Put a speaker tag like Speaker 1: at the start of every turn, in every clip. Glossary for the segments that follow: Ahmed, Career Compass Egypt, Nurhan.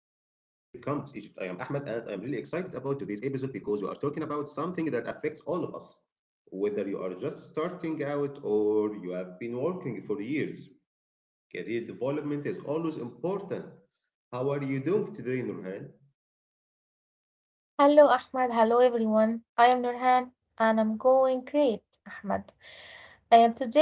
Speaker 1: really excited about today's episode because we are talking about something that affects all of us. Whether you are just starting out or you have been working for years, career development is always important. How are you doing today, Nurhan?
Speaker 2: Hello, Ahmad. Hello, everyone. I am Nurhan and I'm going great, Ahmad.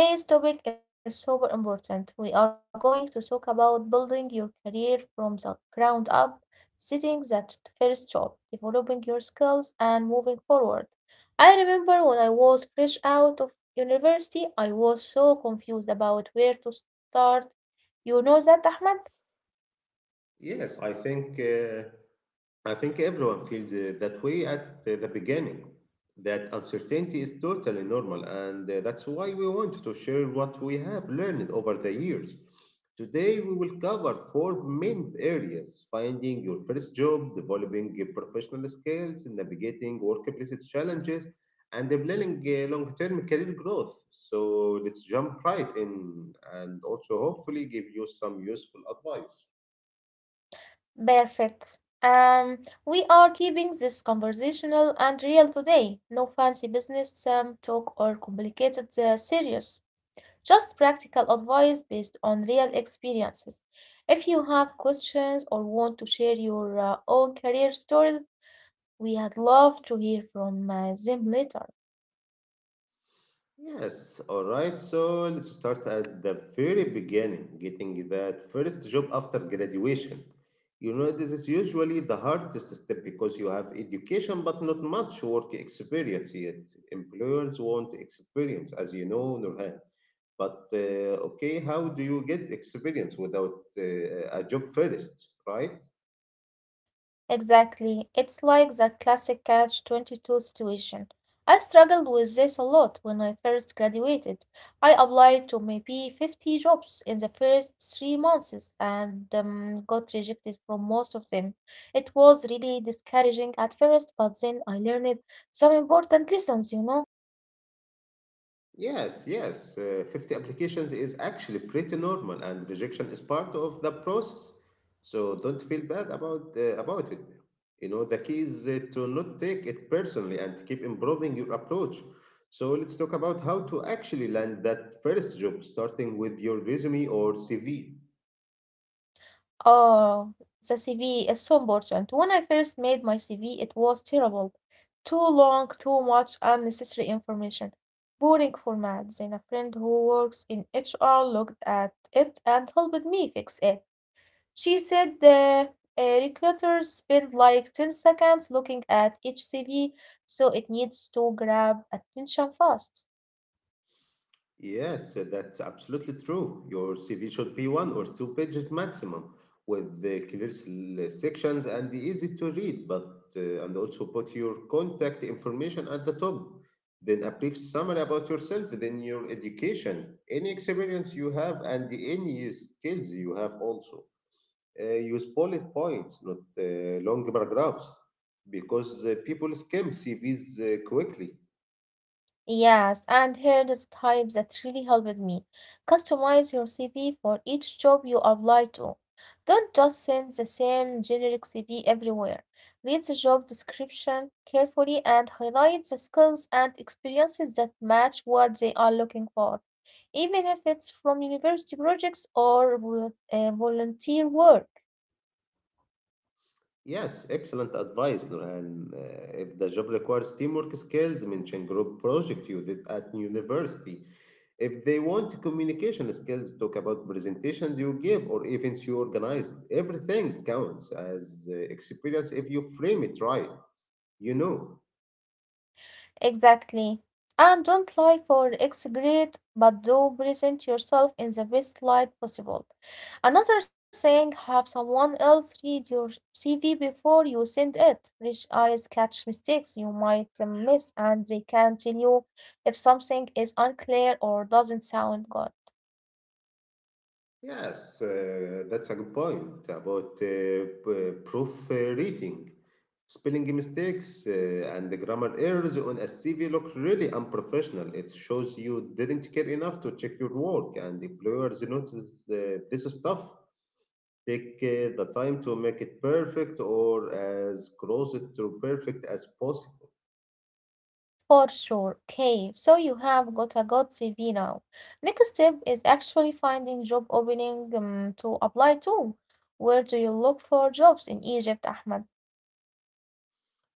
Speaker 2: And today's topic is super important. We are going to talk about building your career from the ground up, setting that first job, developing your skills, and moving forward. I remember when I was fresh out of university, I was so confused about where to start. You know that, Ahmad?
Speaker 1: Yes, I think everyone feels that way at the beginning. That uncertainty is totally normal, and that's why we want to share what we have learned over the years. Today, we will cover four main areas: finding your first job, developing your professional skills, navigating workplace challenges, and planning long term career growth. So, let's jump right in and also hopefully give you some useful advice.
Speaker 2: Perfect. We are keeping this conversational and real today. No fancy business talk or complicated serious. Just practical advice based on real experiences. If you have questions or want to share your own career story, we had love to hear from them later.
Speaker 1: Yes, all right. So let's start at the very beginning, getting that first job after graduation. You know, this is usually the hardest step because you have education but not much work experience yet. Employers want experience, as you know, Nurhan. But okay, how do you get experience without a job first, right?
Speaker 2: Exactly. It's like the classic catch 22 situation. I struggled with this a lot when I first graduated. I applied to maybe 50 jobs in the first 3 months and got rejected from most of them. It was really discouraging at first, but then I learned some important lessons, you know.
Speaker 1: Yes, yes. 50 applications is actually pretty normal, and rejection is part of the process. So don't feel bad about about it. You know, the key is to not take it personally and keep improving your approach. So let's talk about how to actually land that first job, starting with your resume or CV.
Speaker 2: Oh, the CV is so important. When I first made my CV, it was terrible. Too long, too much unnecessary information. Boring format. Then a friend who works in HR looked at it and helped me fix it. She said the recruiters spend like 10 seconds looking at each CV, so it needs to grab attention fast.
Speaker 1: Yes, that's absolutely true. Your CV should be one or two pages maximum, with the clear sections and easy to read, but and also put your contact information at the top. Then a brief summary about yourself, then your education, any experience you have, and any skills you have also. Use bullet points, not long paragraphs, because people skim CVs quickly.
Speaker 2: Yes, and here's type that really helped me. Customize your CV for each job you apply to. Don't just send the same generic CV everywhere. Read the job description carefully and highlight the skills and experiences that match what they are looking for, even if it's from university projects or volunteer work.
Speaker 1: Yes, excellent advice, Nurhan. If the job requires teamwork skills, mention group project you did at university. If they want communication skills, talk about presentations you give or events you organized. Everything counts as experience if you frame it right, you know.
Speaker 2: Exactly. And don't lie for X grade, but do present yourself in the best light possible. Another thing, have someone else read your CV before you send it. Rich eyes catch mistakes you might miss, and they can tell you if something is unclear or doesn't sound good.
Speaker 1: Yes, that's a good point about proofreading. Spelling mistakes and the grammar errors on a CV look really unprofessional. It shows you didn't care enough to check your work, and employers notice this stuff. Take the time to make it perfect or as close to perfect as possible.
Speaker 2: For sure. Okay, so you have got a good CV now. Next step is actually finding job opening to apply to. Where do you look for jobs in Egypt, Ahmed?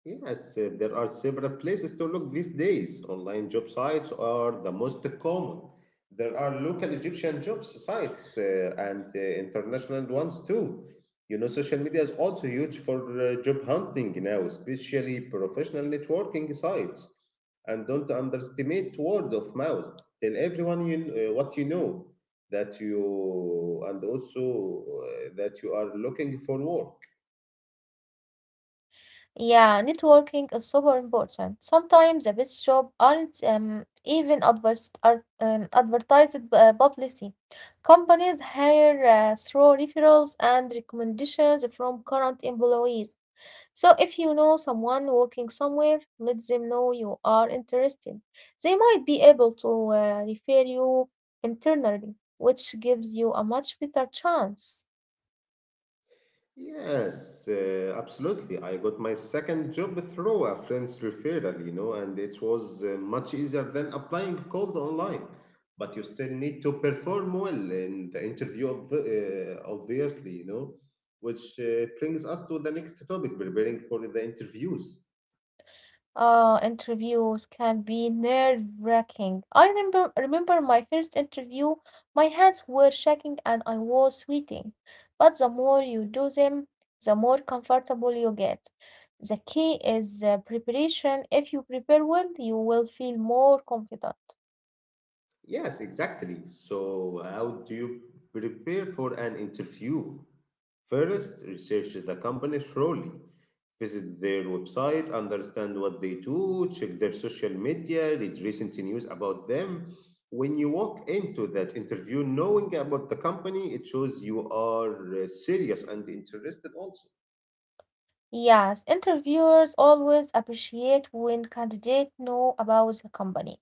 Speaker 1: Yes, there are several places to look these days. Online job sites are the most common. There are local Egyptian job sites and international ones too. You know, social media is also huge for job hunting now, especially professional networking sites. And don't underestimate word of mouth. Tell everyone what you know, that you, and also that you are looking for work.
Speaker 2: Yeah, networking is super important. Sometimes the best job aren't advertised publicly. Companies hire through referrals and recommendations from current employees. So if you know someone working somewhere, let them know you are interested. They might be able to refer you internally, which gives you a much better chance.
Speaker 1: Yes, absolutely. I got my second job through a friend's referral, you know, and it was much easier than applying cold online. But you still need to perform well in the interview, obviously, you know, which brings us to the next topic: preparing for the interviews.
Speaker 2: Interviews can be nerve-wracking. I remember my first interview, my hands were shaking and I was sweating. But the more you do them, the more comfortable you get. The key is preparation. If you prepare well, you will feel more confident.
Speaker 1: Yes, exactly. So, how do you prepare for an interview? First, research the company thoroughly. Visit their website, understand what they do, check their social media, read recent news about them. When you walk into that interview knowing about the company, it shows you are serious and interested also.
Speaker 2: Yes, interviewers always appreciate when candidates know about the company.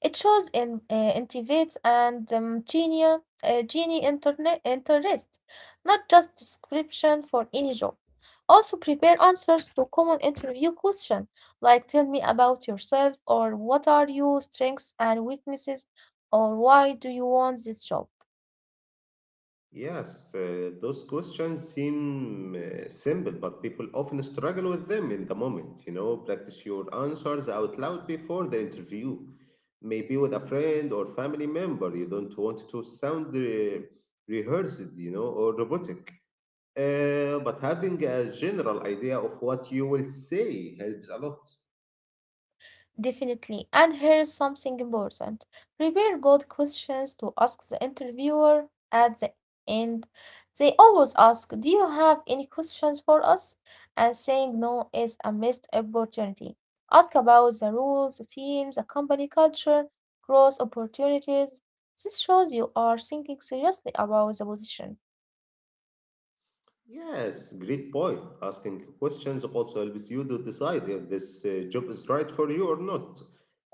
Speaker 2: It shows in intimates and genie internet interest, not just description for any job. Also prepare answers to common interview questions like tell me about yourself or what are your strengths and weaknesses or why do you want this job.
Speaker 1: Yes, those questions seem simple, but people often struggle with them in the moment. You know, practice your answers out loud before the interview, maybe with a friend or family member. You don't want to sound rehearsed, you know, or robotic. But having a general idea of what you will say helps a lot.
Speaker 2: Definitely. And here's something important. Prepare good questions to ask the interviewer at the end. They always ask, do you have any questions for us? And saying no is a missed opportunity. Ask about the rules, the team, the company culture, growth opportunities. This shows you are thinking seriously about the position.
Speaker 1: Yes, great point. Asking questions also helps you to decide if this job is right for you or not.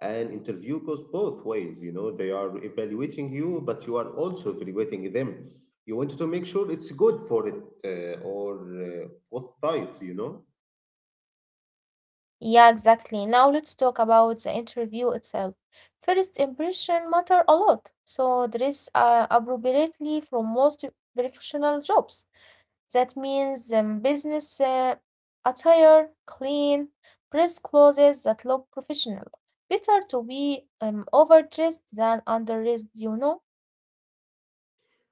Speaker 1: An interview goes both ways, you know, they are evaluating you, but you are also evaluating them. You want to make sure it's good for it or both sides, you know.
Speaker 2: Yeah, exactly. Now let's talk about the interview itself. First impression matter a lot. So dress appropriately from most professional jobs. That means business attire, clean, dress clothes that look professional. Better to be overdressed than underdressed, you know.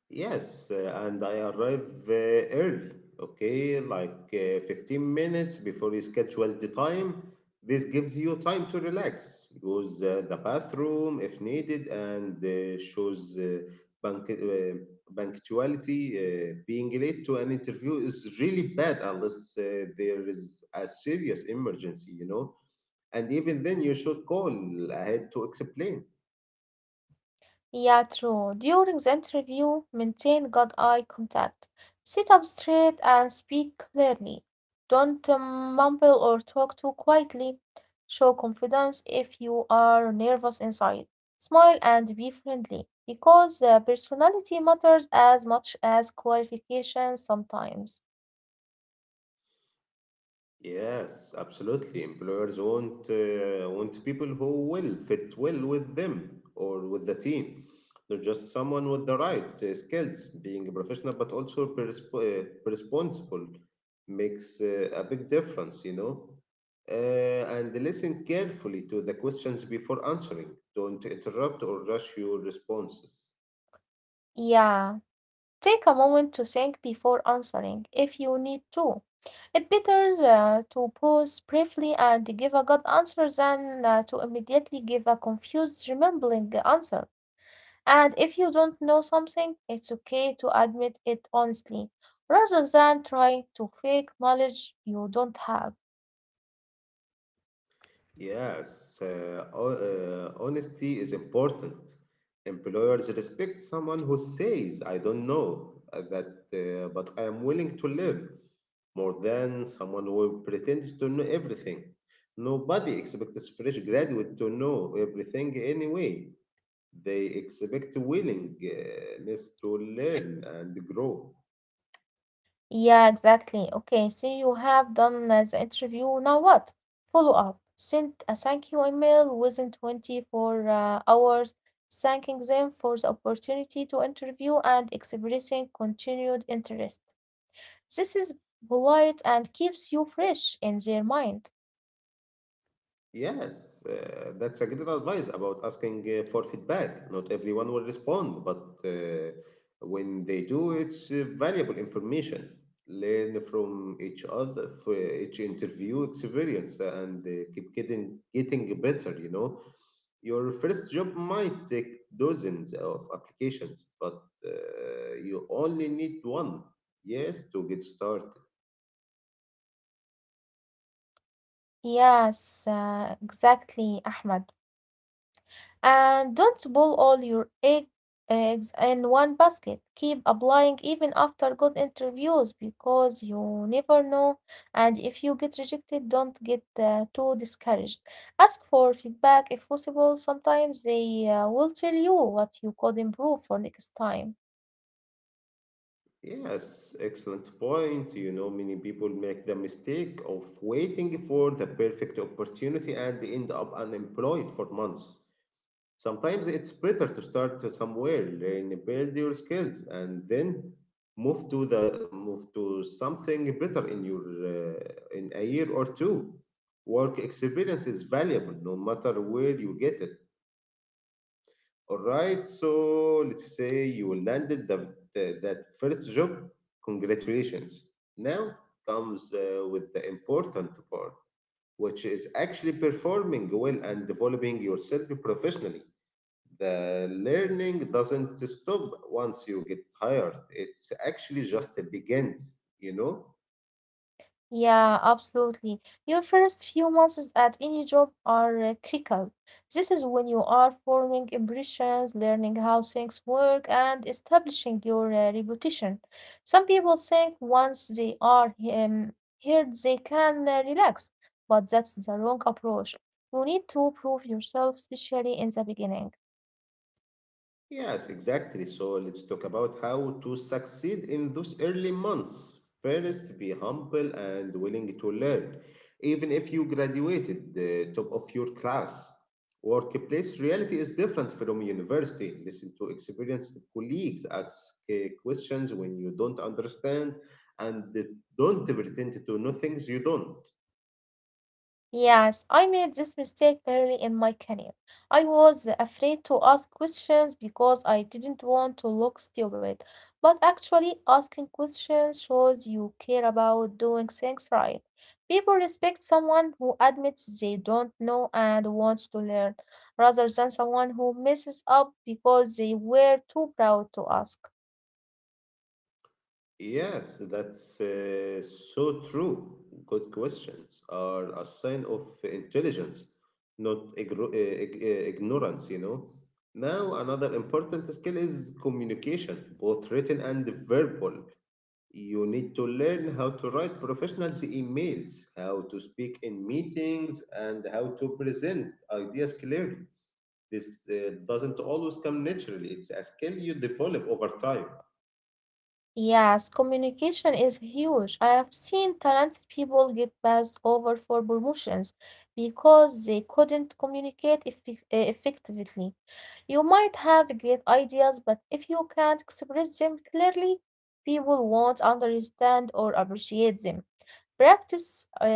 Speaker 1: Yes, and I arrive early, okay, like 15 minutes before your scheduled time. This gives you time to relax, use the bathroom if needed, and shows bank, uh, punctuality. Being late to an interview is really bad unless there is a serious emergency, you know. And even then, you should call ahead to explain.
Speaker 2: Yeah, true. During the interview, maintain good eye contact. Sit up straight and speak clearly. Don't mumble or talk too quietly. Show confidence if you are nervous inside. Smile and be friendly because personality matters as much as qualifications sometimes.
Speaker 1: Yes, absolutely. Employers want people who will fit well with them or with the team, not just someone with the right skills. Being a professional but also responsible makes a big difference, you know. And listen carefully to the questions before answering. Don't interrupt or rush your responses.
Speaker 2: Yeah. Take a moment to think before answering if you need to. It's better to pause briefly and give a good answer than to immediately give a confused, remembering answer. And if you don't know something, it's okay to admit it honestly, rather than trying to fake knowledge you don't have.
Speaker 1: Yes, honesty is important. Employers respect someone who says, "I don't know, but I am willing to learn," more than someone who pretends to know everything. Nobody expects fresh graduate to know everything anyway. They expect willingness to learn and grow.
Speaker 2: Yeah, exactly. Okay, so you have done the interview. Now what? Follow up. Send a thank you email within 24 hours, thanking them for the opportunity to interview and expressing continued interest. This is polite and keeps you fresh in their mind.
Speaker 1: Yes, that's a great advice about asking for feedback. Not everyone will respond, but when they do, it's valuable information. Learn from each other, for each interview experience, and keep getting better. You know, your first job might take dozens of applications, but you only need one. Yes, to get started.
Speaker 2: Yes, exactly, Ahmed. And don't boil all your egg, eggs in one basket. Keep applying even after good interviews because you never know. And if you get rejected, don't get too discouraged. Ask for feedback if possible. Sometimes they will tell you what you could improve for next time.
Speaker 1: Yes, excellent point. You know, many people make the mistake of waiting for the perfect opportunity and they end up unemployed for months. Sometimes it's better to start to somewhere, learn, build your skills, and then move to something better in your in a year or two. Work experience is valuable no matter where you get it. All right, so let's say you landed that first job. Congratulations. Now comes with the important part, which is actually performing well and developing yourself professionally. The learning doesn't stop once you get hired, it's actually just begins, you know?
Speaker 2: Yeah, absolutely. Your first few months at any job are critical. This is when you are forming impressions, learning how things work, and establishing your reputation. Some people think once they are here, they can relax, but that's the wrong approach. You need to prove yourself, especially in the beginning.
Speaker 1: Yes, exactly. So let's talk about how to succeed in those early months. First, be humble and willing to learn. Even if you graduated the top of your class, workplace reality is different from university. Listen to experienced colleagues, ask questions when you don't understand, and don't pretend to know things you don't.
Speaker 2: Yes, I made this mistake early in my career. I was afraid to ask questions because I didn't want to look stupid. But actually, asking questions shows you care about doing things right. People respect someone who admits they don't know and wants to learn, rather than someone who messes up because they were too proud to ask.
Speaker 1: Yes, that's so true. Good questions are a sign of intelligence, not ignorance, you know. Now, another important skill is communication, both written and verbal. You need to learn how to write professional emails, how to speak in meetings, and how to present ideas clearly. This doesn't always come naturally, it's a skill you develop over time.
Speaker 2: Yes, communication is huge. I have seen talented people get passed over for promotions because they couldn't communicate effectively. You might have great ideas, but if you can't express them clearly, people won't understand or appreciate them. Practice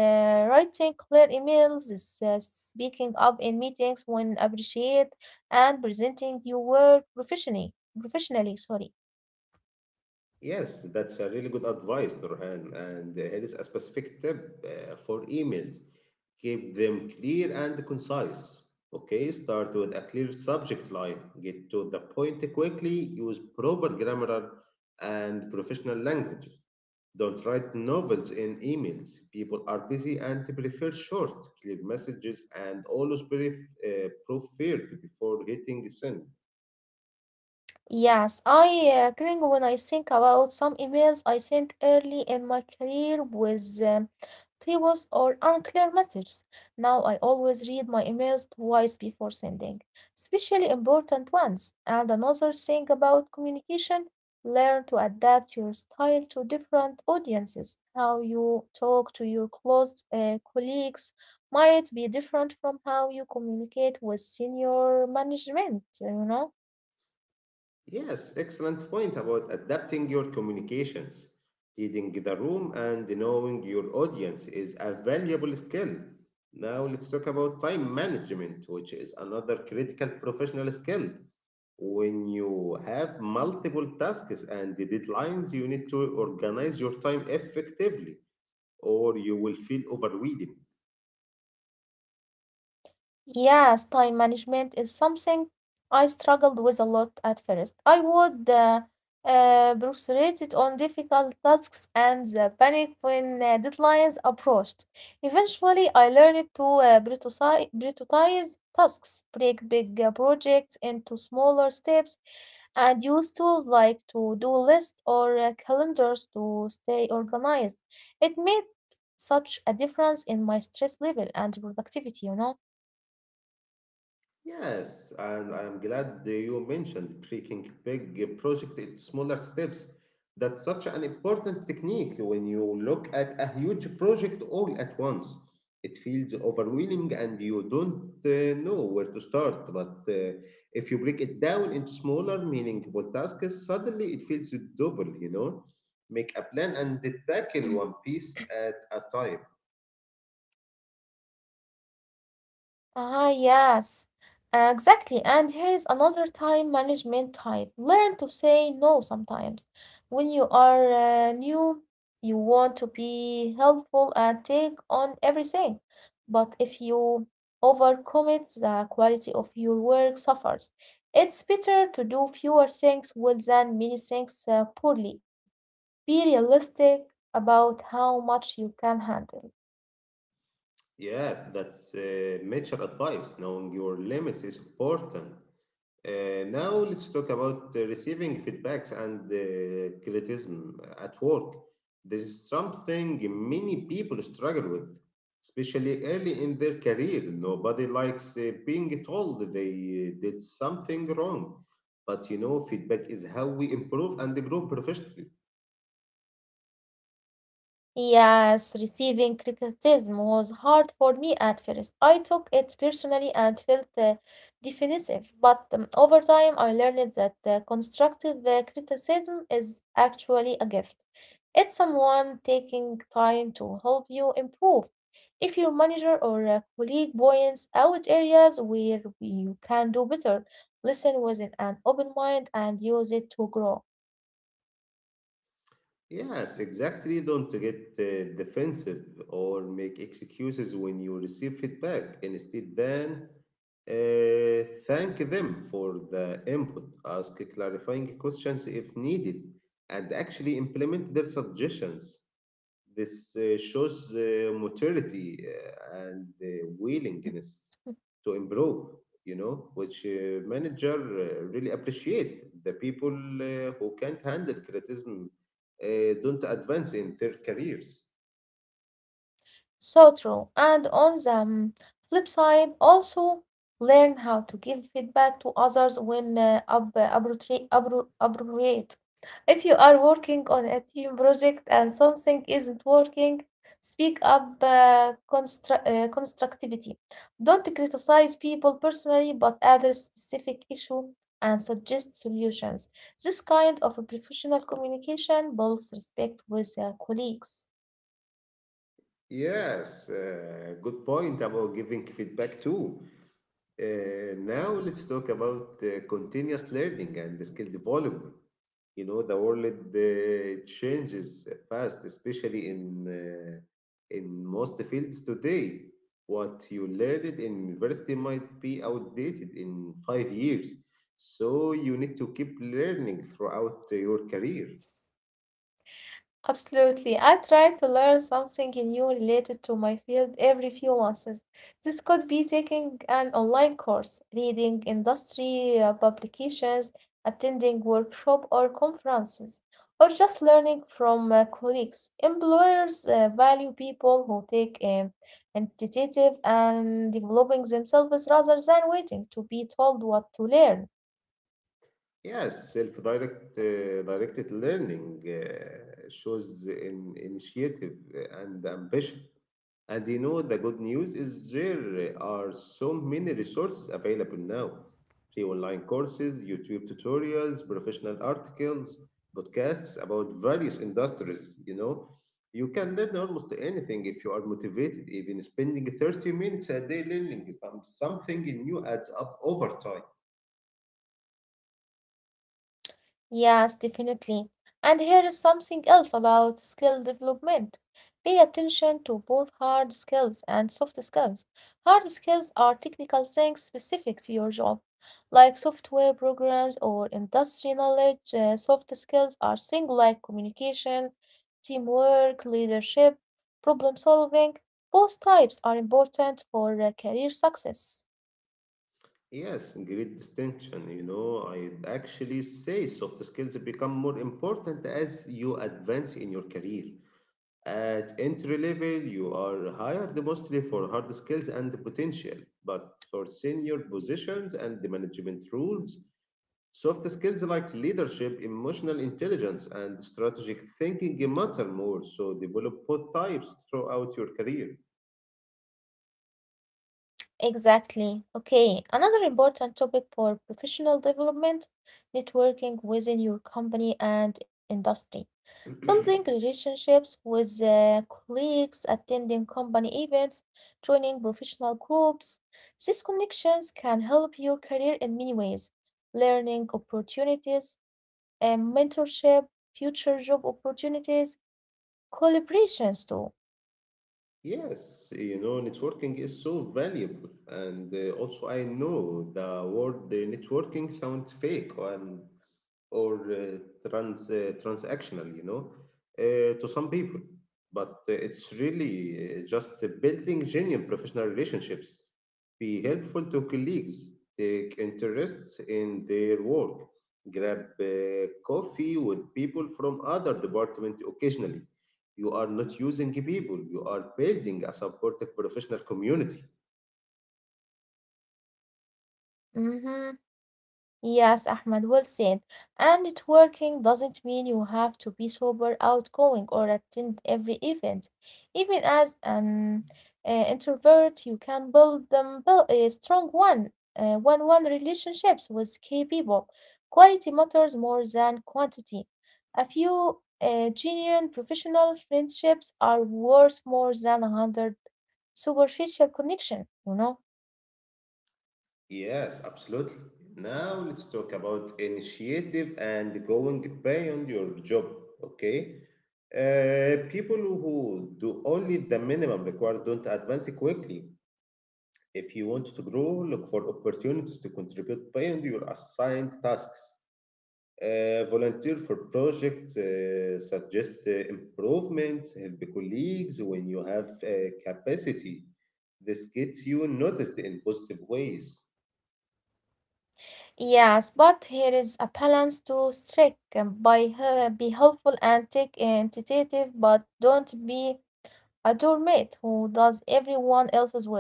Speaker 2: writing clear emails, speaking up in meetings when appreciated, and presenting your work professionally. Professionally, sorry.
Speaker 1: Yes, that's a really good advice, Nurhan. And here is a specific tip for emails. Keep them clear and concise. Okay, start with a clear subject line. Get to the point quickly. Use proper grammar and professional language. Don't write novels in emails. People are busy and prefer short, clear messages and always brief, proofread before hitting send.
Speaker 2: Yes, I cringe when I think about some emails I sent early in my career with typos or unclear messages. Now I always read my emails twice before sending, especially important ones. And another thing about communication, learn to adapt your style to different audiences. How you talk to your close colleagues might be different from how you communicate with senior management, you know?
Speaker 1: Yes, excellent point about adapting your communications. Reading the room and knowing your audience is a valuable skill. Now let's talk about time management, which is another critical professional skill. When you have multiple tasks and deadlines, you need to organize your time effectively, or you will feel overwhelmed.
Speaker 2: Yes, time management is something I struggled with a lot at first. I would procrastinate it on difficult tasks and the panic when deadlines approached. Eventually, I learned to prioritize tasks, break big projects into smaller steps, and use tools like to-do lists or calendars to stay organized. It made such a difference in my stress level and productivity, you know.
Speaker 1: Yes, and I'm glad that you mentioned breaking big project into smaller steps. That's such an important technique when you look at a huge project all at once. It feels overwhelming and you don't know where to start. But if you break it down into smaller, meaningful tasks, suddenly it feels doable, you know? Make a plan and tackle one piece at a time.
Speaker 2: Ah, yes, exactly. And here is another time management type. Learn to say no sometimes. When you are new, you want to be helpful and take on everything. But if you overcommit, the quality of your work suffers. It's better to do fewer things well than many things poorly. Be realistic about how much you can handle.
Speaker 1: Yeah, that's mature advice. Knowing your limits is important. Now let's talk about receiving feedbacks and criticism at work. This is something many people struggle with, especially early in their career. Nobody likes being told they did something wrong. But you know, feedback is how we improve and grow professionally.
Speaker 2: Yes, receiving criticism was hard for me at first. I took it personally and felt defensive, but over time I learned that constructive criticism is actually a gift. It's someone taking time to help you improve. If your manager or colleague points out areas where you can do better, listen with an open mind and use it to grow.
Speaker 1: Yes, exactly. Don't get defensive or make excuses when you receive feedback. Instead, then thank them for the input, ask clarifying questions if needed, and actually implement their suggestions. This shows maturity and willingness
Speaker 2: Hmm.
Speaker 1: to improve, you know, which manager really appreciate. The people who can't handle criticism uh, don't advance in their careers.
Speaker 2: So true. And on the flip side, also learn how to give feedback to others when appropriate. If you are working on a team project and something isn't working, speak up constructivity. Don't criticize people personally, but address specific issue and suggest solutions. This kind of a professional communication builds respect with colleagues.
Speaker 1: Yes, good point about giving feedback too. Now let's talk about continuous learning and the skill development. You know, the world changes fast, especially in most fields today. What you learned in university might be outdated in 5 years, so you need to keep learning throughout your career.
Speaker 2: Absolutely. I try to learn something new related to my field every few months. This could be taking an online course, reading industry publications, attending workshop or conferences, or just learning from colleagues. Employers value people who take initiative and developing themselves rather than waiting to be told what to learn.
Speaker 1: Yes, self-direct directed learning shows in initiative and ambition. And you know, the good news is there are so many resources available now. Free online courses, YouTube tutorials, professional articles, podcasts about various industries, you know. You can learn almost anything if you are motivated, even spending 30 minutes a day learning something new adds up over time.
Speaker 2: Yes, definitely. And here is something else about skill development. Pay attention to both hard skills and soft skills. Hard skills are technical things specific to your job, like software programs or industry knowledge. Soft skills are things like communication, teamwork, leadership, problem solving. Both types are important for career success.
Speaker 1: Yes, great distinction. You know, I'd actually say soft skills become more important as you advance in your career. At entry level, you are hired mostly for hard skills and potential, but for senior positions and the management roles, soft skills like leadership, emotional intelligence, and strategic thinking matter more. So develop both types throughout your career.
Speaker 2: Exactly. Okay. Another important topic for professional development, networking within your company and industry. Building relationships with colleagues, attending company events, joining professional groups. These connections can help your career in many ways. Learning opportunities, and mentorship, future job opportunities, collaborations too.
Speaker 1: Yes, you know, networking is so valuable. And also, I know the word, the networking sounds fake and or transactional, you know, to some people, but it's really just building genuine professional relationships, be helpful to colleagues, take interests in their work, grab coffee with people from other department occasionally. You are not using people, you are building a supportive professional community.
Speaker 2: Hmm. Yes, Ahmed, well said. And networking doesn't mean you have to be super outgoing or attend every event. Even as an introvert, you can build a strong one-one relationships with key people. Quality matters more than quantity. A few genuine professional friendships are worth more than 100 superficial connection, you know?
Speaker 1: Yes, absolutely. Now let's talk about initiative and going beyond your job, okay? People who do only the minimum required don't advance quickly. If you want to grow, look for opportunities to contribute beyond your assigned tasks. Volunteer for projects, suggest improvements, help colleagues when you have capacity. This gets you noticed in positive ways.
Speaker 2: Yes, but here is a balance to strike, be helpful and take initiative, but don't be a doormat who does everyone else's work.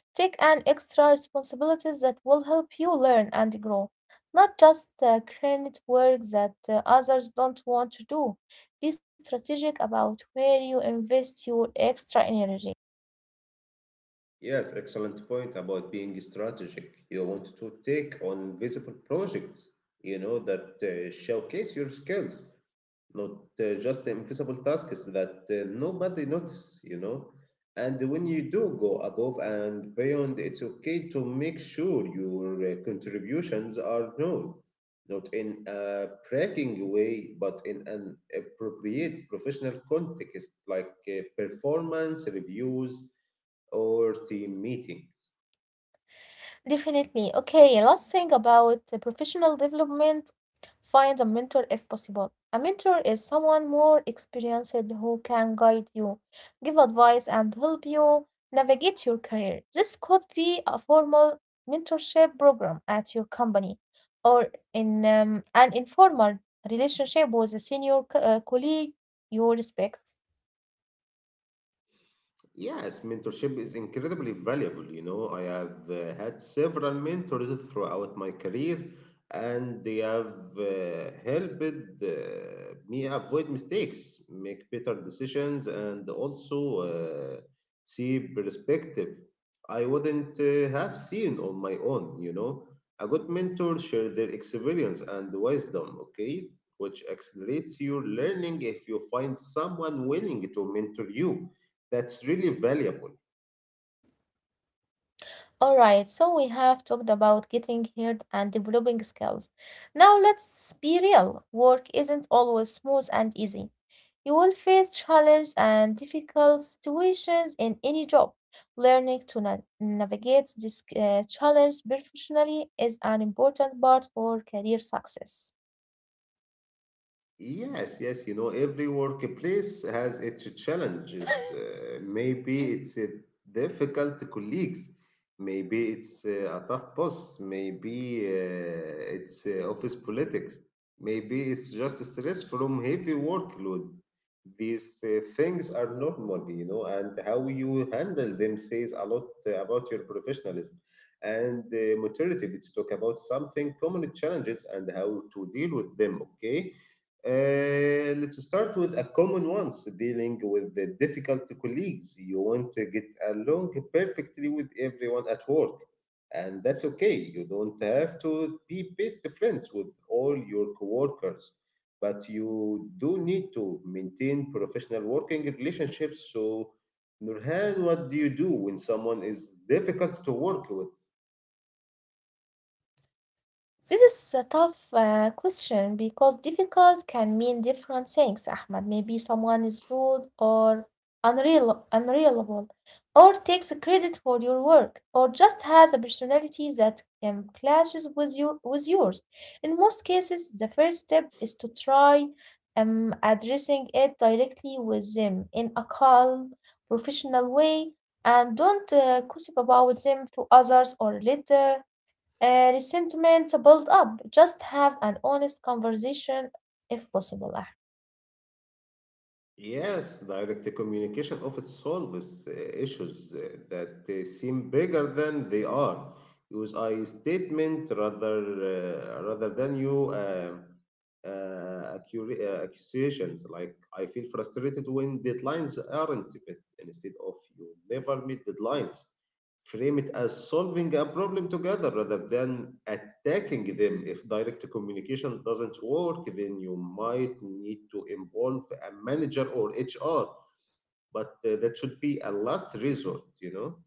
Speaker 2: Take an extra responsibilities that will help you learn and grow, not just credit work that others don't want to do. Be strategic about where you invest your extra energy.
Speaker 1: Yes, excellent point about being strategic. You want to take on visible projects, you know, that showcase your skills, not just invisible tasks that nobody notice, you know. And when you do go above and beyond, it's okay to make sure your contributions are known, not in a bragging way, but in an appropriate professional context, like performance reviews or team meetings.
Speaker 2: Definitely. Okay, last thing about professional development, find a mentor if possible. A mentor is someone more experienced who can guide you, give advice, and help you navigate your career. This could be a formal mentorship program at your company or in an informal relationship with a senior colleague you respect.
Speaker 1: Yes, mentorship is incredibly valuable. You know, I have had several mentors throughout my career, and they have helped me avoid mistakes, make better decisions, and also uh, see perspective I wouldn't have seen on my own. You know, a good mentor share their experience and wisdom, okay, which accelerates your learning. If you find someone willing to mentor you, that's really valuable.
Speaker 2: Alright, so we have talked about getting heard and developing skills. Now let's be real. Work isn't always smooth and easy. You will face challenges and difficult situations in any job. Learning to navigate this challenge professionally is an important part for career success.
Speaker 1: Yes, yes, you know, every workplace has its challenges. Maybe it's a difficult colleagues, maybe it's a tough boss, maybe it's office politics, maybe it's just stress from heavy workload. These things are normal, you know, and how you handle them says a lot about your professionalism and maturity. Let's talk about something common challenges and how to deal with them, okay? Let's start with a common ones, dealing with the difficult colleagues. You want to get along perfectly with everyone at work, and that's okay. You don't have to be best friends with all your coworkers, but you do need to maintain professional working relationships. So, Nurhan, what do you do when someone is difficult to work with?
Speaker 2: This is a tough question because difficult can mean different things, Ahmed. Maybe someone is rude or unreliable, or takes credit for your work, or just has a personality that clashes with yours. In most cases, the first step is to try addressing it directly with them in a calm, professional way, and don't gossip about them to others or later resentment build up. Just have an honest conversation if possible, Ahmed.
Speaker 1: Yes, direct communication often solves issues that seem bigger than they are. Use I statement rather than you uh, accusations, like I feel frustrated when deadlines aren't met instead of you never meet deadlines. Frame it as solving a problem together rather than attacking them. If direct communication doesn't work, then you might need to involve a manager or HR, but that should be a last resort, you know?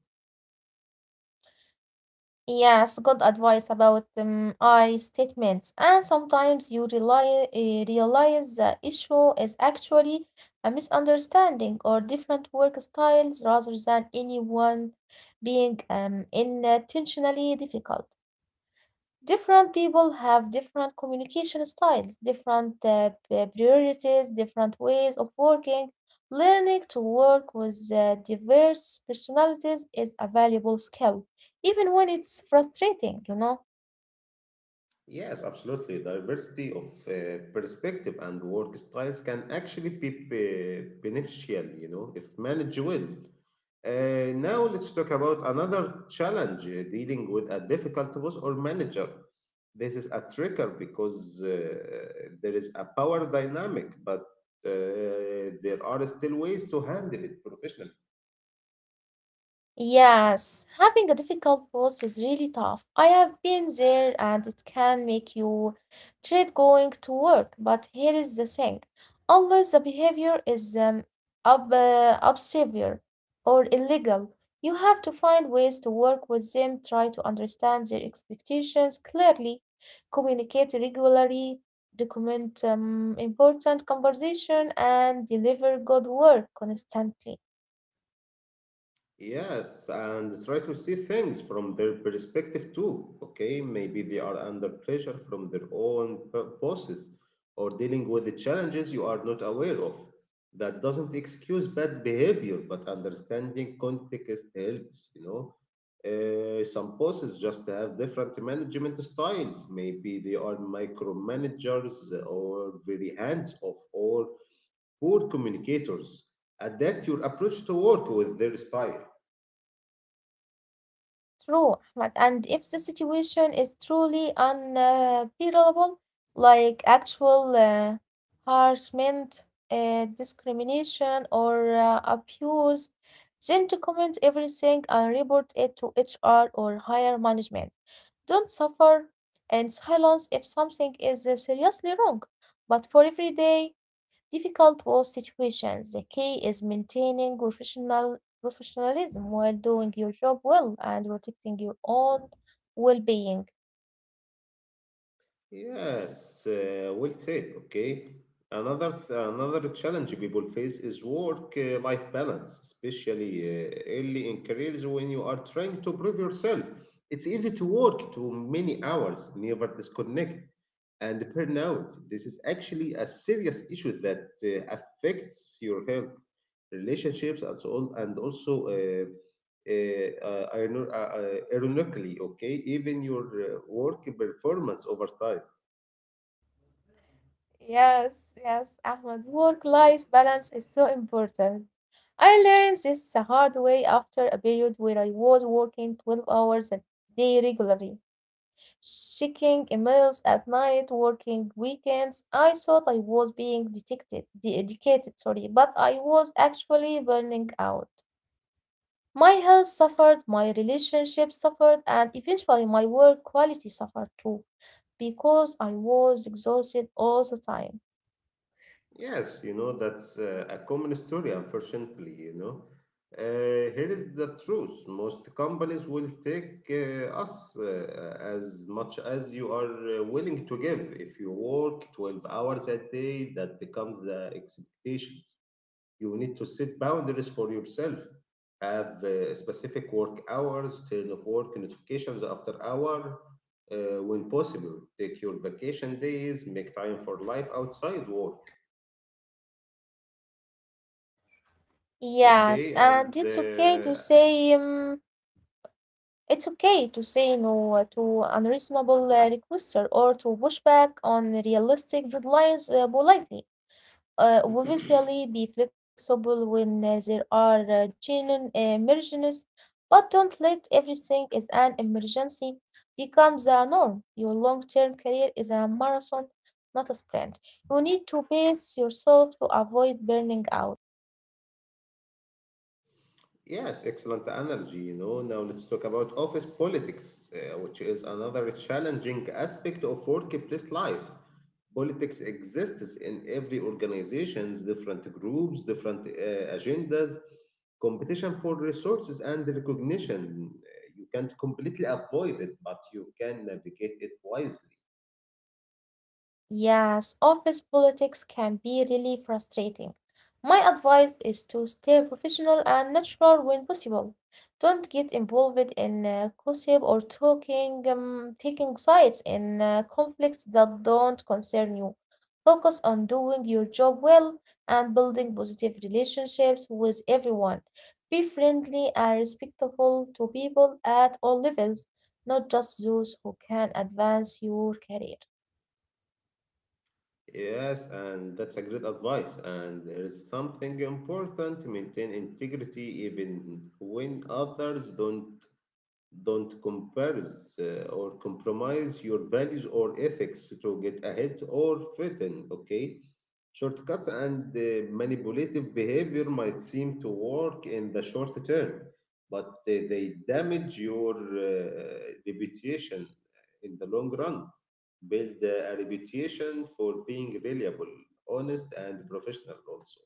Speaker 2: Yes, good advice about I statements. And sometimes you realize the issue is actually a misunderstanding or different work styles rather than anyone being intentionally difficult. Different people have different communication styles, different priorities, different ways of working. Learning to work with diverse personalities is a valuable skill, even when it's frustrating, you know.
Speaker 1: Yes, absolutely. Diversity of perspective and work styles can actually beneficial, you know, if managed well. Now let's talk about another challenge, dealing with a difficult boss or manager. This is a trigger because there is a power dynamic, but there are still ways to handle it professionally.
Speaker 2: Yes, having a difficult boss is really tough. I have been there and it can make you dread going to work. But here is the thing. Unless the behavior is obscene or illegal, you have to find ways to work with them, try to understand their expectations clearly, communicate regularly, document important conversation, and deliver good work constantly.
Speaker 1: Yes, and try to see things from their perspective too. Okay, maybe they are under pressure from their own bosses or dealing with the challenges you are not aware of. That doesn't excuse bad behavior, but understanding context helps, you know. Some bosses just have different management styles. Maybe they are micromanagers or very hands off or poor communicators. Adapt your approach to work with their style.
Speaker 2: True, Ahmad. And if the situation is truly unbearable, like actual harassment, discrimination, or abuse, then document everything and report it to HR or higher management. Don't suffer in silence if something is seriously wrong. But for every day, difficult work situations. The key is maintaining professionalism while doing your job well and protecting your own well-being.
Speaker 1: Yes, well said. Okay. Another challenge people face is work-life balance, especially early in careers when you are trying to prove yourself. It's easy to work too many hours, never disconnect, and burnout. This is actually a serious issue that affects your health, relationships, and so on, and also ironically, okay, even your work performance over time.
Speaker 2: Yes, yes, Ahmed. Work-life balance is so important. I learned this the hard way after a period where I was working 12 hours a day regularly, checking emails at night, working weekends. I thought I was being dedicated, sorry, but I was actually burning out. My health suffered, my relationship suffered, and eventually my work quality suffered too, because I was exhausted all the time.
Speaker 1: Yes, you know, that's a common story, unfortunately, you know. Here is the truth. Most companies will take us as much as you are willing to give. If you work 12 hours a day, that becomes the expectations. You need to set boundaries for yourself. Have specific work hours, turn off work notifications after hour when possible. Take your vacation days, make time for life outside work.
Speaker 2: Yes,
Speaker 1: Okay,
Speaker 2: and
Speaker 1: and
Speaker 2: it's okay to say no to unreasonable requester or to push back on realistic deadlines politely. Obviously be flexible when there are genuine emergencies, but don't let everything is an emergency become the norm. Your long-term career is a marathon, not a sprint. You need to pace yourself to avoid burning out.
Speaker 1: yes, excellent energy. You know, now let's talk about office politics, which is another challenging aspect of workplace life. Politics exists in every organizations, different groups, different agendas, competition for resources and recognition. You can't completely avoid it, but you can navigate it wisely.
Speaker 2: Yes, office politics can be really frustrating. My advice is to stay professional and natural when possible. Don't get involved in gossip or taking sides in conflicts that don't concern you. Focus on doing your job well and building positive relationships with everyone. Be friendly and respectful to people at all levels, not just those who can advance your career.
Speaker 1: Yes, and that's a great advice. And there is something important to maintain integrity even when others don't compares or compromise your values or ethics to get ahead or fit in, okay? Shortcuts and manipulative behavior might seem to work in the short term, but they damage your reputation in the long run. Build a reputation for being reliable, honest, and professional also.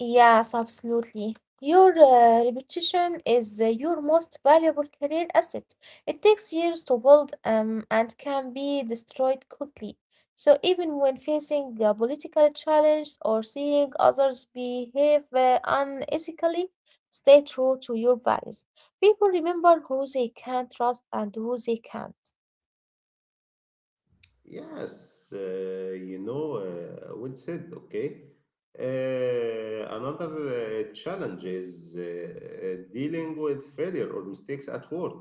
Speaker 2: Yes, absolutely. Your reputation is your most valuable career asset. It takes years to build and can be destroyed quickly. So, even when facing a political challenge or seeing others behave unethically, stay true to your values. People remember who they can trust and who they can't.
Speaker 1: Yes, you know, well said, okay. Another challenge is dealing with failure or mistakes at work.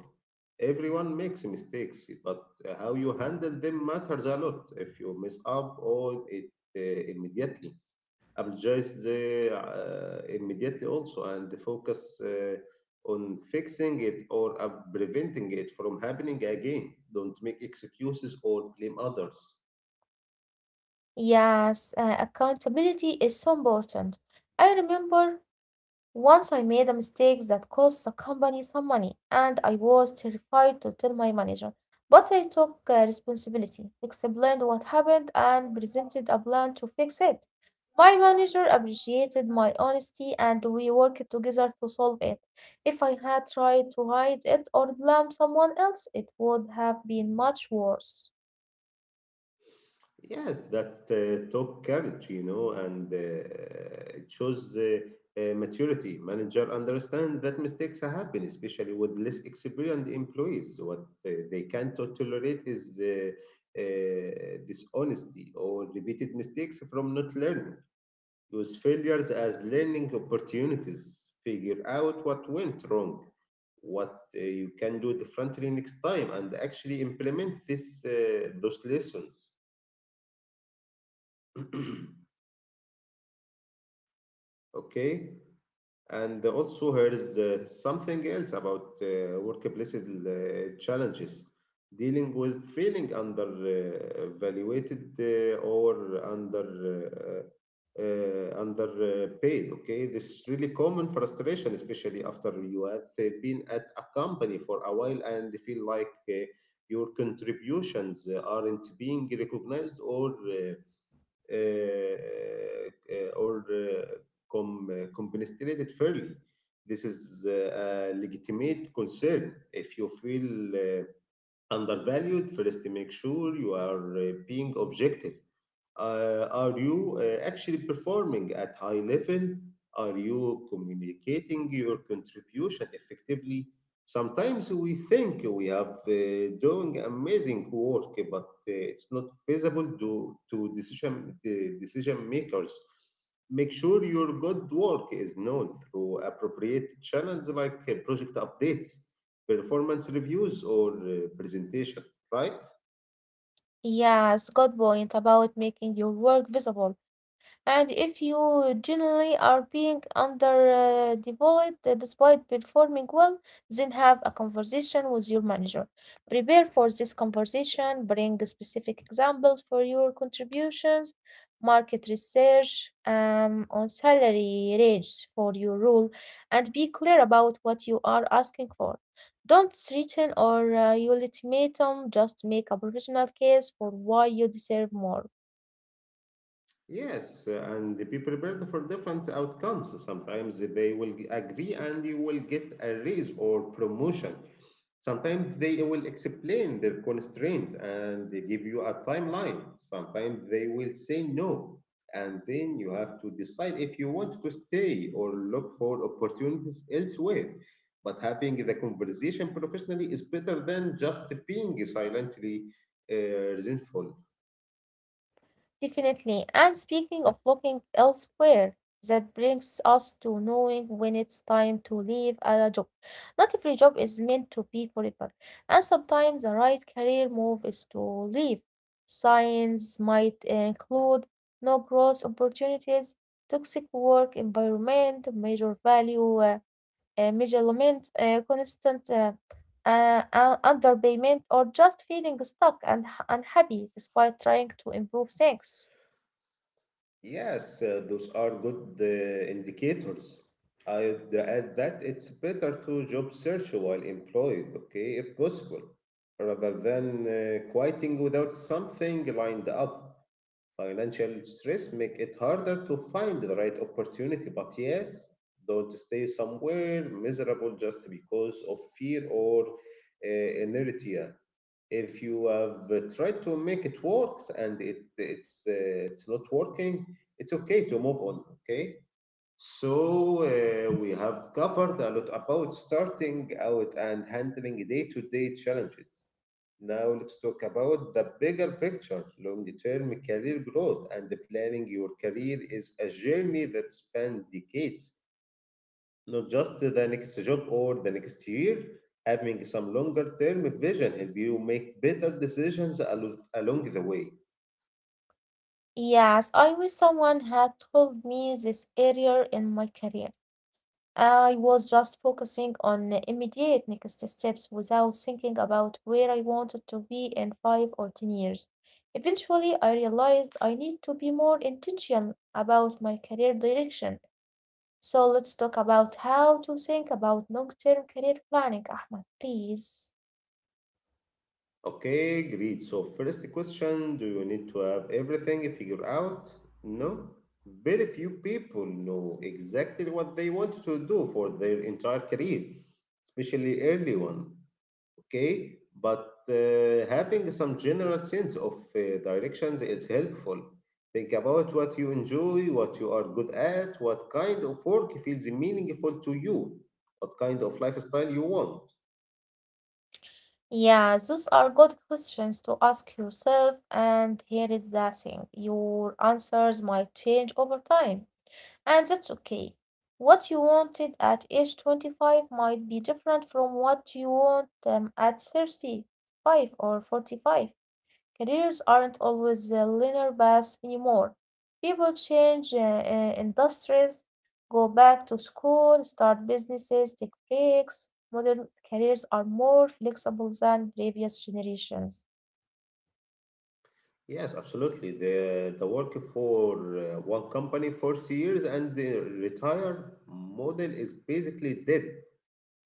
Speaker 1: Everyone makes mistakes, but how you handle them matters a lot. If you mess up, or it immediately apologize immediately also, and focus on fixing it or preventing it from happening again. Don't make excuses or blame others.
Speaker 2: Yes, accountability is so important. I remember once I made a mistake that cost the company some money, and I was terrified to tell my manager. But I took responsibility, explained what happened, and presented a plan to fix it. My manager appreciated my honesty, and we worked together to solve it. If I had tried to hide it or blame someone else, it would have been much worse.
Speaker 1: Yes, that's talk courage, you know, and it shows maturity. Manager understand that mistakes happen, especially with less experienced employees. What they can't tolerate is dishonesty or repeated mistakes from not learning. Use failures as learning opportunities. Figure out what went wrong, what you can do differently next time, and actually implement this those lessons. Okay. And also, here is something else about workplace challenges, dealing with feeling undervaluated or under. Under okay, this is really common frustration, especially after you have been at a company for a while and feel like your contributions aren't being recognized uh, uh, or uh, compensated fairly. This is a legitimate concern. If you feel undervalued, first make sure you are being objective. Are you actually performing at high level? Are you communicating your contribution effectively? Sometimes we think we have doing amazing work, but it's not feasible to the decision makers. Make sure your good work is known through appropriate channels, like project updates, performance reviews, or presentation, right?
Speaker 2: Yes, good point about making your work visible. And if you generally are being underdeveloped despite performing well, then have a conversation with your manager. Prepare for this conversation, bring specific examples for your contributions, market research on salary range for your role, and be clear about what you are asking for. Don't threaten or your ultimatum, just make a professional case for why you deserve more.
Speaker 1: Yes, and be prepared for different outcomes. Sometimes they will agree and you will get a raise or promotion. Sometimes they will explain their constraints and they give you a timeline. Sometimes they will say no. And then you have to decide if you want to stay or look for opportunities elsewhere. But having the conversation professionally is better than just being silently uh, resentful.
Speaker 2: Definitely. And speaking of looking elsewhere, that brings us to knowing when it's time to leave a job. Not every job is meant to be forever, and sometimes the right career move is to leave. Signs might include no growth opportunities, toxic work environment, major value. Measurement, constant underpayment, or just feeling stuck and unhappy despite trying to improve things.
Speaker 1: Yes, those are good indicators. I'd add that it's better to job search while employed, okay, if possible, rather than quitting without something lined up. Financial stress make it harder to find the right opportunity, but yes, don't stay somewhere miserable just because of fear or inertia. If you have tried to make it works and it's not working, it's okay to move on. Okay, so we have covered a lot about starting out and handling day-to-day challenges. Now let's talk about the bigger picture, long-term career growth, and planning your career is a journey that spans decades, not just the next job or the next year. Having some longer-term vision help you make better decisions along the way.
Speaker 2: Yes, I wish someone had told me this earlier in my career. I was just focusing on immediate next steps without thinking about where I wanted to be in 5 or 10 years. Eventually, I realized I need to be more intentional about my career direction. So let's talk about how to think about long-term career planning, Ahmed, please.
Speaker 1: Okay, great. So first question, do you need to have everything figured out? No. Very few people know exactly what they want to do for their entire career, especially early one. Okay, but having some general sense of directions is helpful. Think about what you enjoy, what you are good at, what kind of work feels meaningful to you, what kind of lifestyle you want.
Speaker 2: Yeah, those are good questions to ask yourself, and here is the thing. Your answers might change over time, and that's okay. What you wanted at age 25 might be different from what you want at 35 or 45. Careers aren't always linear path anymore. People change industries, go back to school, start businesses, take breaks. Modern careers are more flexible than previous generations.
Speaker 1: Yes, absolutely. The work for one company for years and the retire model is basically dead.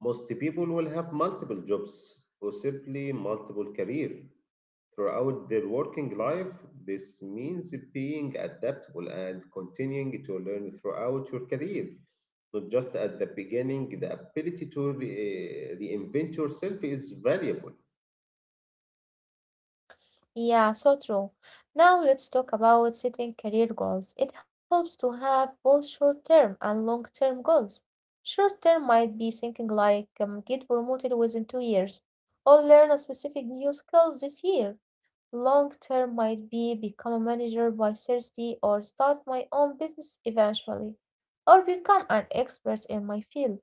Speaker 1: Most people will have multiple jobs or simply multiple career throughout their working life. This means being adaptable and continuing to learn throughout your career, not just at the beginning. The ability to reinvent yourself is valuable.
Speaker 2: Yeah, so true. Now let's talk about setting career goals. It helps to have both short term and long term goals. Short term might be thinking like get promoted within 2 years or learn a specific new skills this year. Long term might be become a manager by 30 or start my own business eventually or become an expert in my field.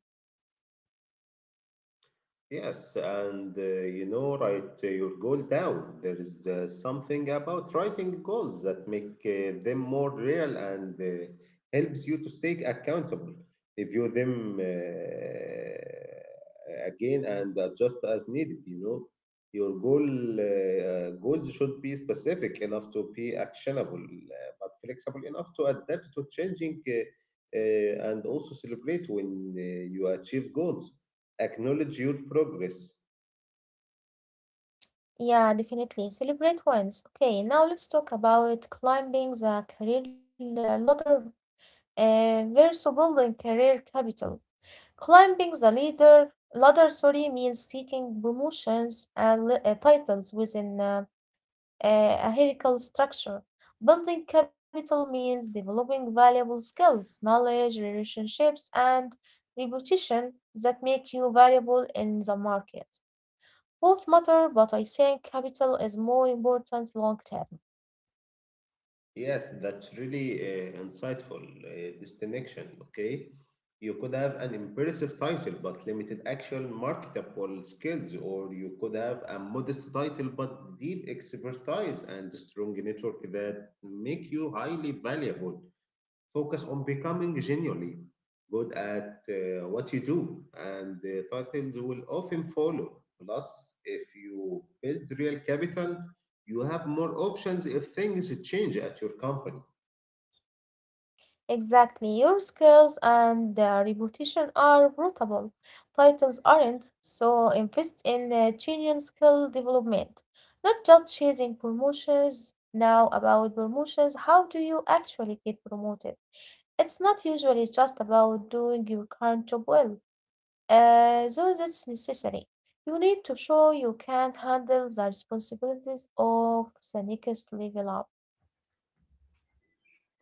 Speaker 1: Yes, and write your goal down. There is something about writing goals that make them more real, and helps you to stay accountable. Review them again and adjust as needed. You know, your goals should be specific enough to be actionable, but flexible enough to adapt to changing and also celebrate when you achieve goals, acknowledge your progress.
Speaker 2: Yeah, definitely. Celebrate wins. Okay, now let's talk about climbing the career ladder versus building career capital. Climbing the leader ladder, sorry, means seeking promotions and titles within a hierarchical structure. Building capital means developing valuable skills, knowledge, relationships, and reputation that make you valuable in the market. Both matter, but I think capital is more important long term.
Speaker 1: Yes, that's really insightful distinction. Okay, you could have an impressive title but limited actual marketable skills, or you could have a modest title but deep expertise and strong network that make you highly valuable. Focus on becoming genuinely good at what you do, and the titles will often follow. Plus, if you build real capital, you have more options if things change at your company.
Speaker 2: Exactly. Your skills and reputation are portable. Titles aren't, so invest in genuine skill development, not just chasing promotions. Now, about promotions, how do you actually get promoted? It's not usually just about doing your current job well, though that's necessary. You need to show you can handle the responsibilities of the next level up.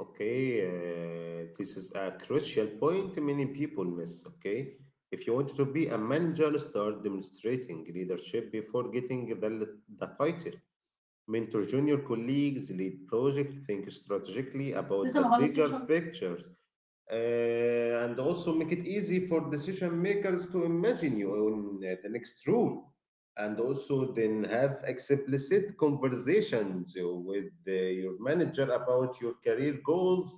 Speaker 1: Okay, this is a crucial point many people miss. Okay, if you want to be a manager, start demonstrating leadership before getting the title. Mentor junior colleagues, lead project, think strategically about
Speaker 2: لسه
Speaker 1: the
Speaker 2: ما
Speaker 1: bigger
Speaker 2: خلصتش.
Speaker 1: pictures, uh, and also make it easy for decision makers to imagine you on the next role. And also, then have explicit conversations with your manager about your career goals,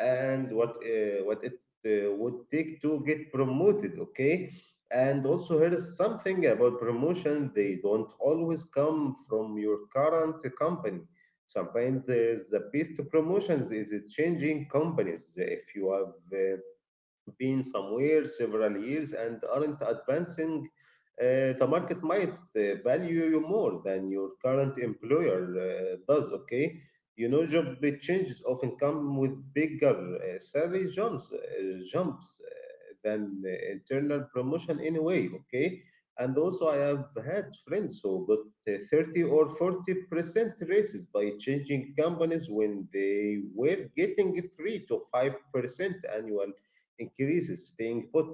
Speaker 1: and what it would take to get promoted. Okay, and also, here is something about promotion. They don't always come from your current company. Sometimes the best promotions is changing companies. If you have been somewhere several years and aren't advancing, the market might value you more than your current employer does. Okay, you know, job changes often come with bigger salary jumps than internal promotion anyway. Okay. And also, I have had friends who got 30 or 40% raises by changing companies when they were getting 3 to 5% annual increases staying put.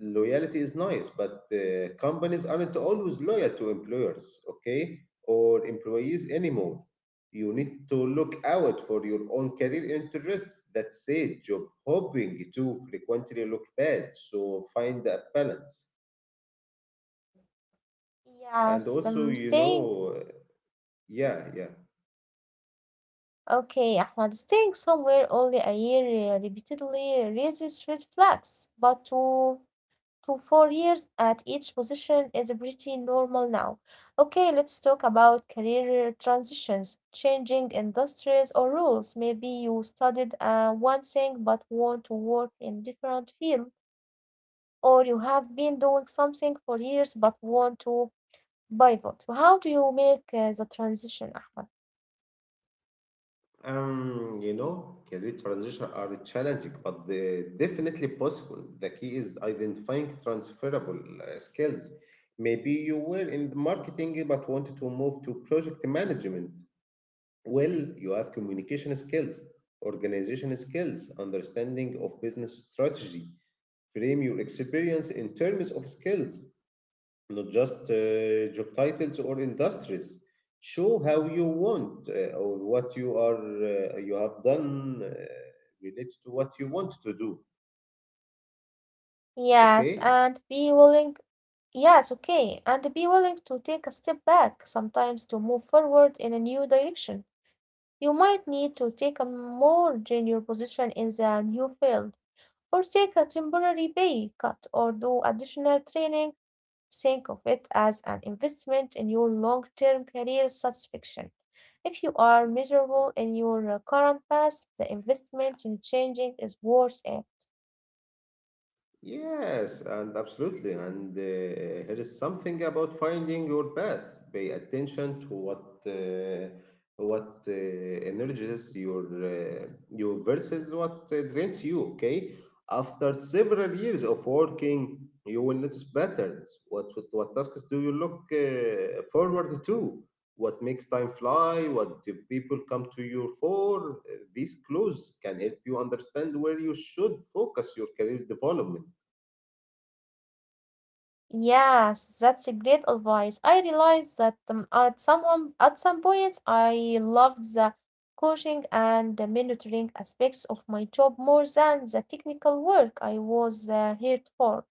Speaker 1: Loyalty is nice, but companies aren't always loyal to employers, okay, or employees anymore. You need to look out for your own career interests. That said, job hopping too frequently look bad, so find a balance. And
Speaker 2: Yes,
Speaker 1: also, you
Speaker 2: staying
Speaker 1: know, yeah, yeah.
Speaker 2: okay, Ahmad, staying somewhere only a year repeatedly raises red flags, but 2 to 4 years at each position is pretty normal now. Okay, let's talk about career transitions, changing industries or roles. Maybe you studied one thing but want to work in different field, or you have been doing something for years but want to pivot. How do you make the transition, Ahmad?
Speaker 1: Career transition are challenging, but they definitely possible. The key is identifying transferable skills. Maybe you were in the marketing but wanted to move to project management. Well, you have communication skills, organization skills, understanding of business strategy. Frame your experience in terms of skills, not just job titles or industries. Show how you want or what you are you have done related to what you want to do.
Speaker 2: Yes, and
Speaker 1: Okay.
Speaker 2: be willing. Yes, okay. And be willing to take a step back sometimes to move forward in a new direction. You might need to take a more junior position in the new field, or take a temporary pay cut, or do additional training. Think of it as an investment in your long term career satisfaction. If you are miserable in your current path, the investment in changing is worth it.
Speaker 1: Yes, and absolutely. And here is something about finding your path. Pay attention to what energizes you versus what drains you. Okay. After several years of working, you will notice patterns. What tasks do you look forward to? What makes time fly? What do people come to you for? These clues can help you understand where you should focus your career development.
Speaker 2: Yes, that's a great advice. I realized that at some points I loved the coaching and the mentoring aspects of my job more than the technical work I was here for.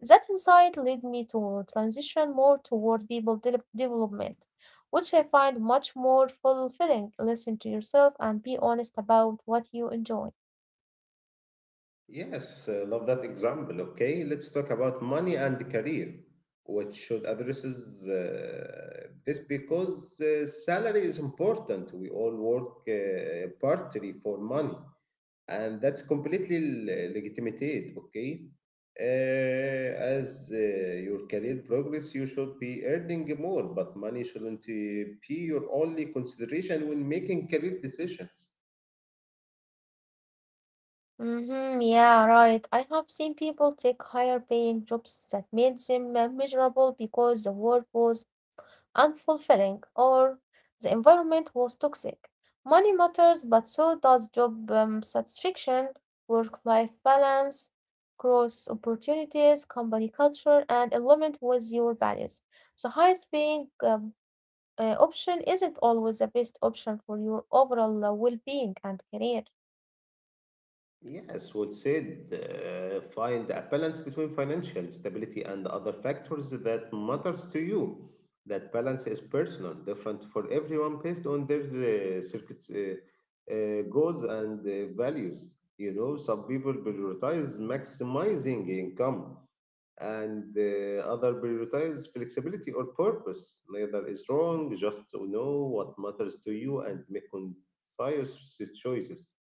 Speaker 2: That insight led me to transition more toward people development, which I find much more fulfilling. Listen to yourself and be honest about what you enjoy.
Speaker 1: Yes, love that example. Okay, let's talk about money and career, which should addresses this because salary is important. We all work partly for money, and that's completely legitimate. Okay, as your career progress, you should be earning more, but money shouldn't be your only consideration when making career decisions.
Speaker 2: Mm-hmm, yeah, right. I have seen people take higher paying jobs that made them miserable because the work was unfulfilling or the environment was toxic. Money matters, but so does job satisfaction, work-life balance, growth opportunities, company culture, and alignment with your values. The highest paying option isn't always the best option for your overall well-being and career.
Speaker 1: Yes, well said. Find a balance between financial stability and other factors that matters to you. That balance is personal, different for everyone based on their goals and values. You know, some people prioritize maximizing income, and other prioritize flexibility or purpose. Neither is wrong. Just to know what matters to you and make concise choices.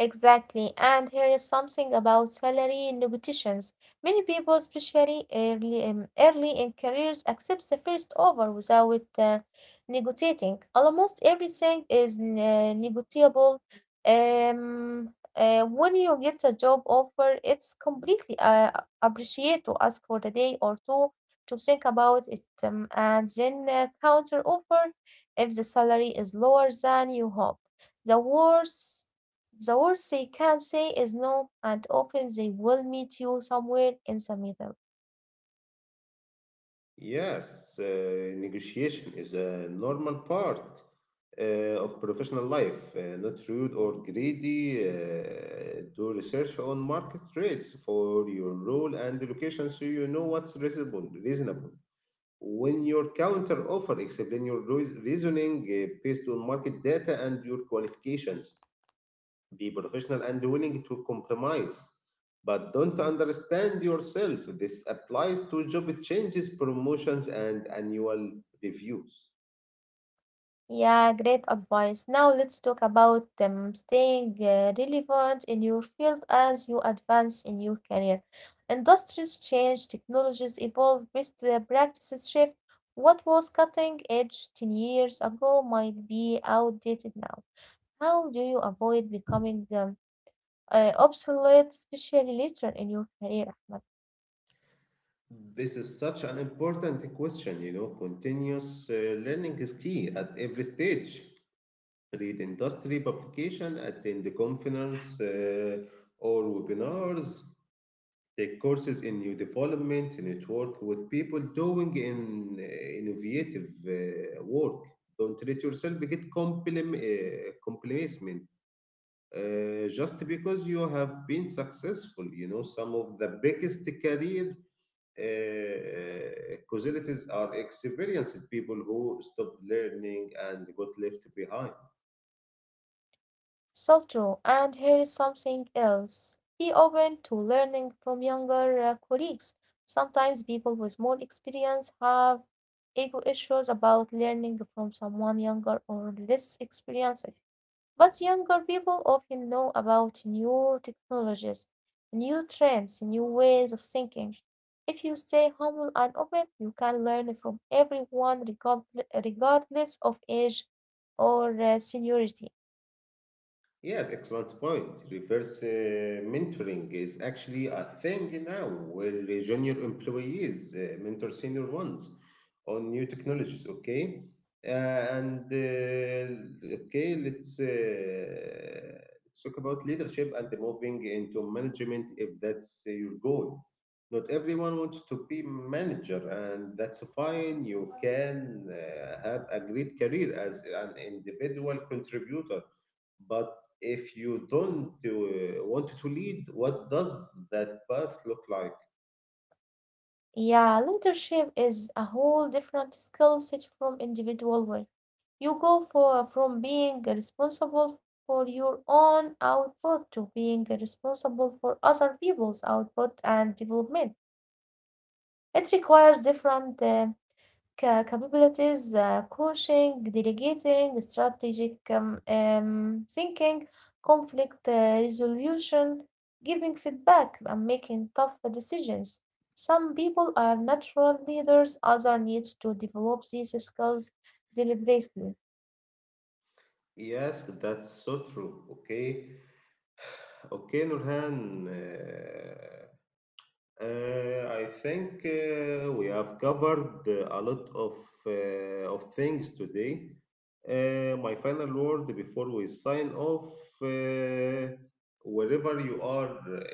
Speaker 2: Exactly. And here is something about salary negotiations. Many people, early in careers, accept the first offer without negotiating. Almost everything is negotiable. When you get a job offer, it's completely appreciate to ask for a day or two to think about it, and then counter offer if the salary is lower than you hoped. The worst the worst they can say is no, and often they will meet you somewhere in the middle.
Speaker 1: Yes, negotiation is a normal part uh, of professional life. Not rude or greedy. Do research on market rates for your role and location so you know what's reasonable. Reasonable. When your counter offer, explain your reasoning based on market data and your qualifications, be professional and willing to compromise. But don't understand yourself. This applies to job changes, promotions, and annual reviews.
Speaker 2: Yeah, great advice. Now let's talk about staying relevant in your field as you advance in your career. Industries change, technologies evolve, best practices shift. What was cutting edge 10 years ago might be outdated now. How do you avoid becoming obsolete, especially later in your career, Ahmed?
Speaker 1: This is such an important question, you know. Continuous learning is key at every stage. Read industry publication, attend the conference or webinars, take courses in new development, network with people doing innovative work. Don't let yourself get complacent just because you have been successful. You know, some of the biggest career casualties are experienced people who stopped learning and got left behind.
Speaker 2: So true. And here is something else. Be open to learning from younger colleagues. Sometimes people with more experience have ego issues about learning from someone younger or less experienced. But younger people often know about new technologies, new trends, new ways of thinking. If you stay humble and open, you can learn from everyone regardless of age or seniority.
Speaker 1: Yes, excellent point. Reverse mentoring is actually a thing now where junior employees mentor senior ones on new technologies, okay? And okay, let's talk about leadership and moving into management if that's your goal. Not everyone wants to be manager, and that's fine. You can have a great career as an individual contributor. But if you don't want to lead, what does that path look like?
Speaker 2: Yeah, leadership is a whole different skill set from individual work. You go for from being responsible for your own output to being responsible for other people's output and development. It requires different Ca capabilities, coaching, delegating, strategic thinking, conflict resolution, giving feedback, and making tough decisions. Some people are natural leaders, others need to develop these skills deliberately.
Speaker 1: Yes, that's so true. Okay, okay, Nurhan. I think we have covered a lot of things today. My final word before we sign off, uh, wherever you are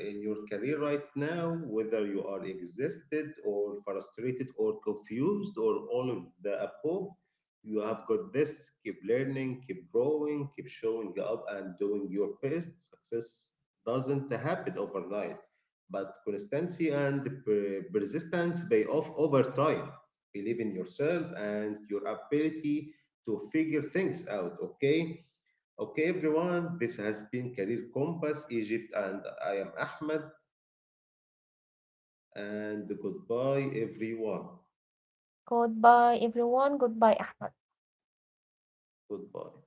Speaker 1: in your career right now, whether you are exhausted or frustrated or confused or all of the above, you have got this. Keep learning, keep growing, keep showing up and doing your best. Success doesn't happen overnight, but consistency and persistence pay off over time. Believe in yourself and your ability to figure things out, okay? Okay, everyone, this has been Career Compass Egypt, and I am Ahmed, and goodbye, everyone.
Speaker 2: Goodbye, everyone. Goodbye, Ahmed.
Speaker 1: Goodbye.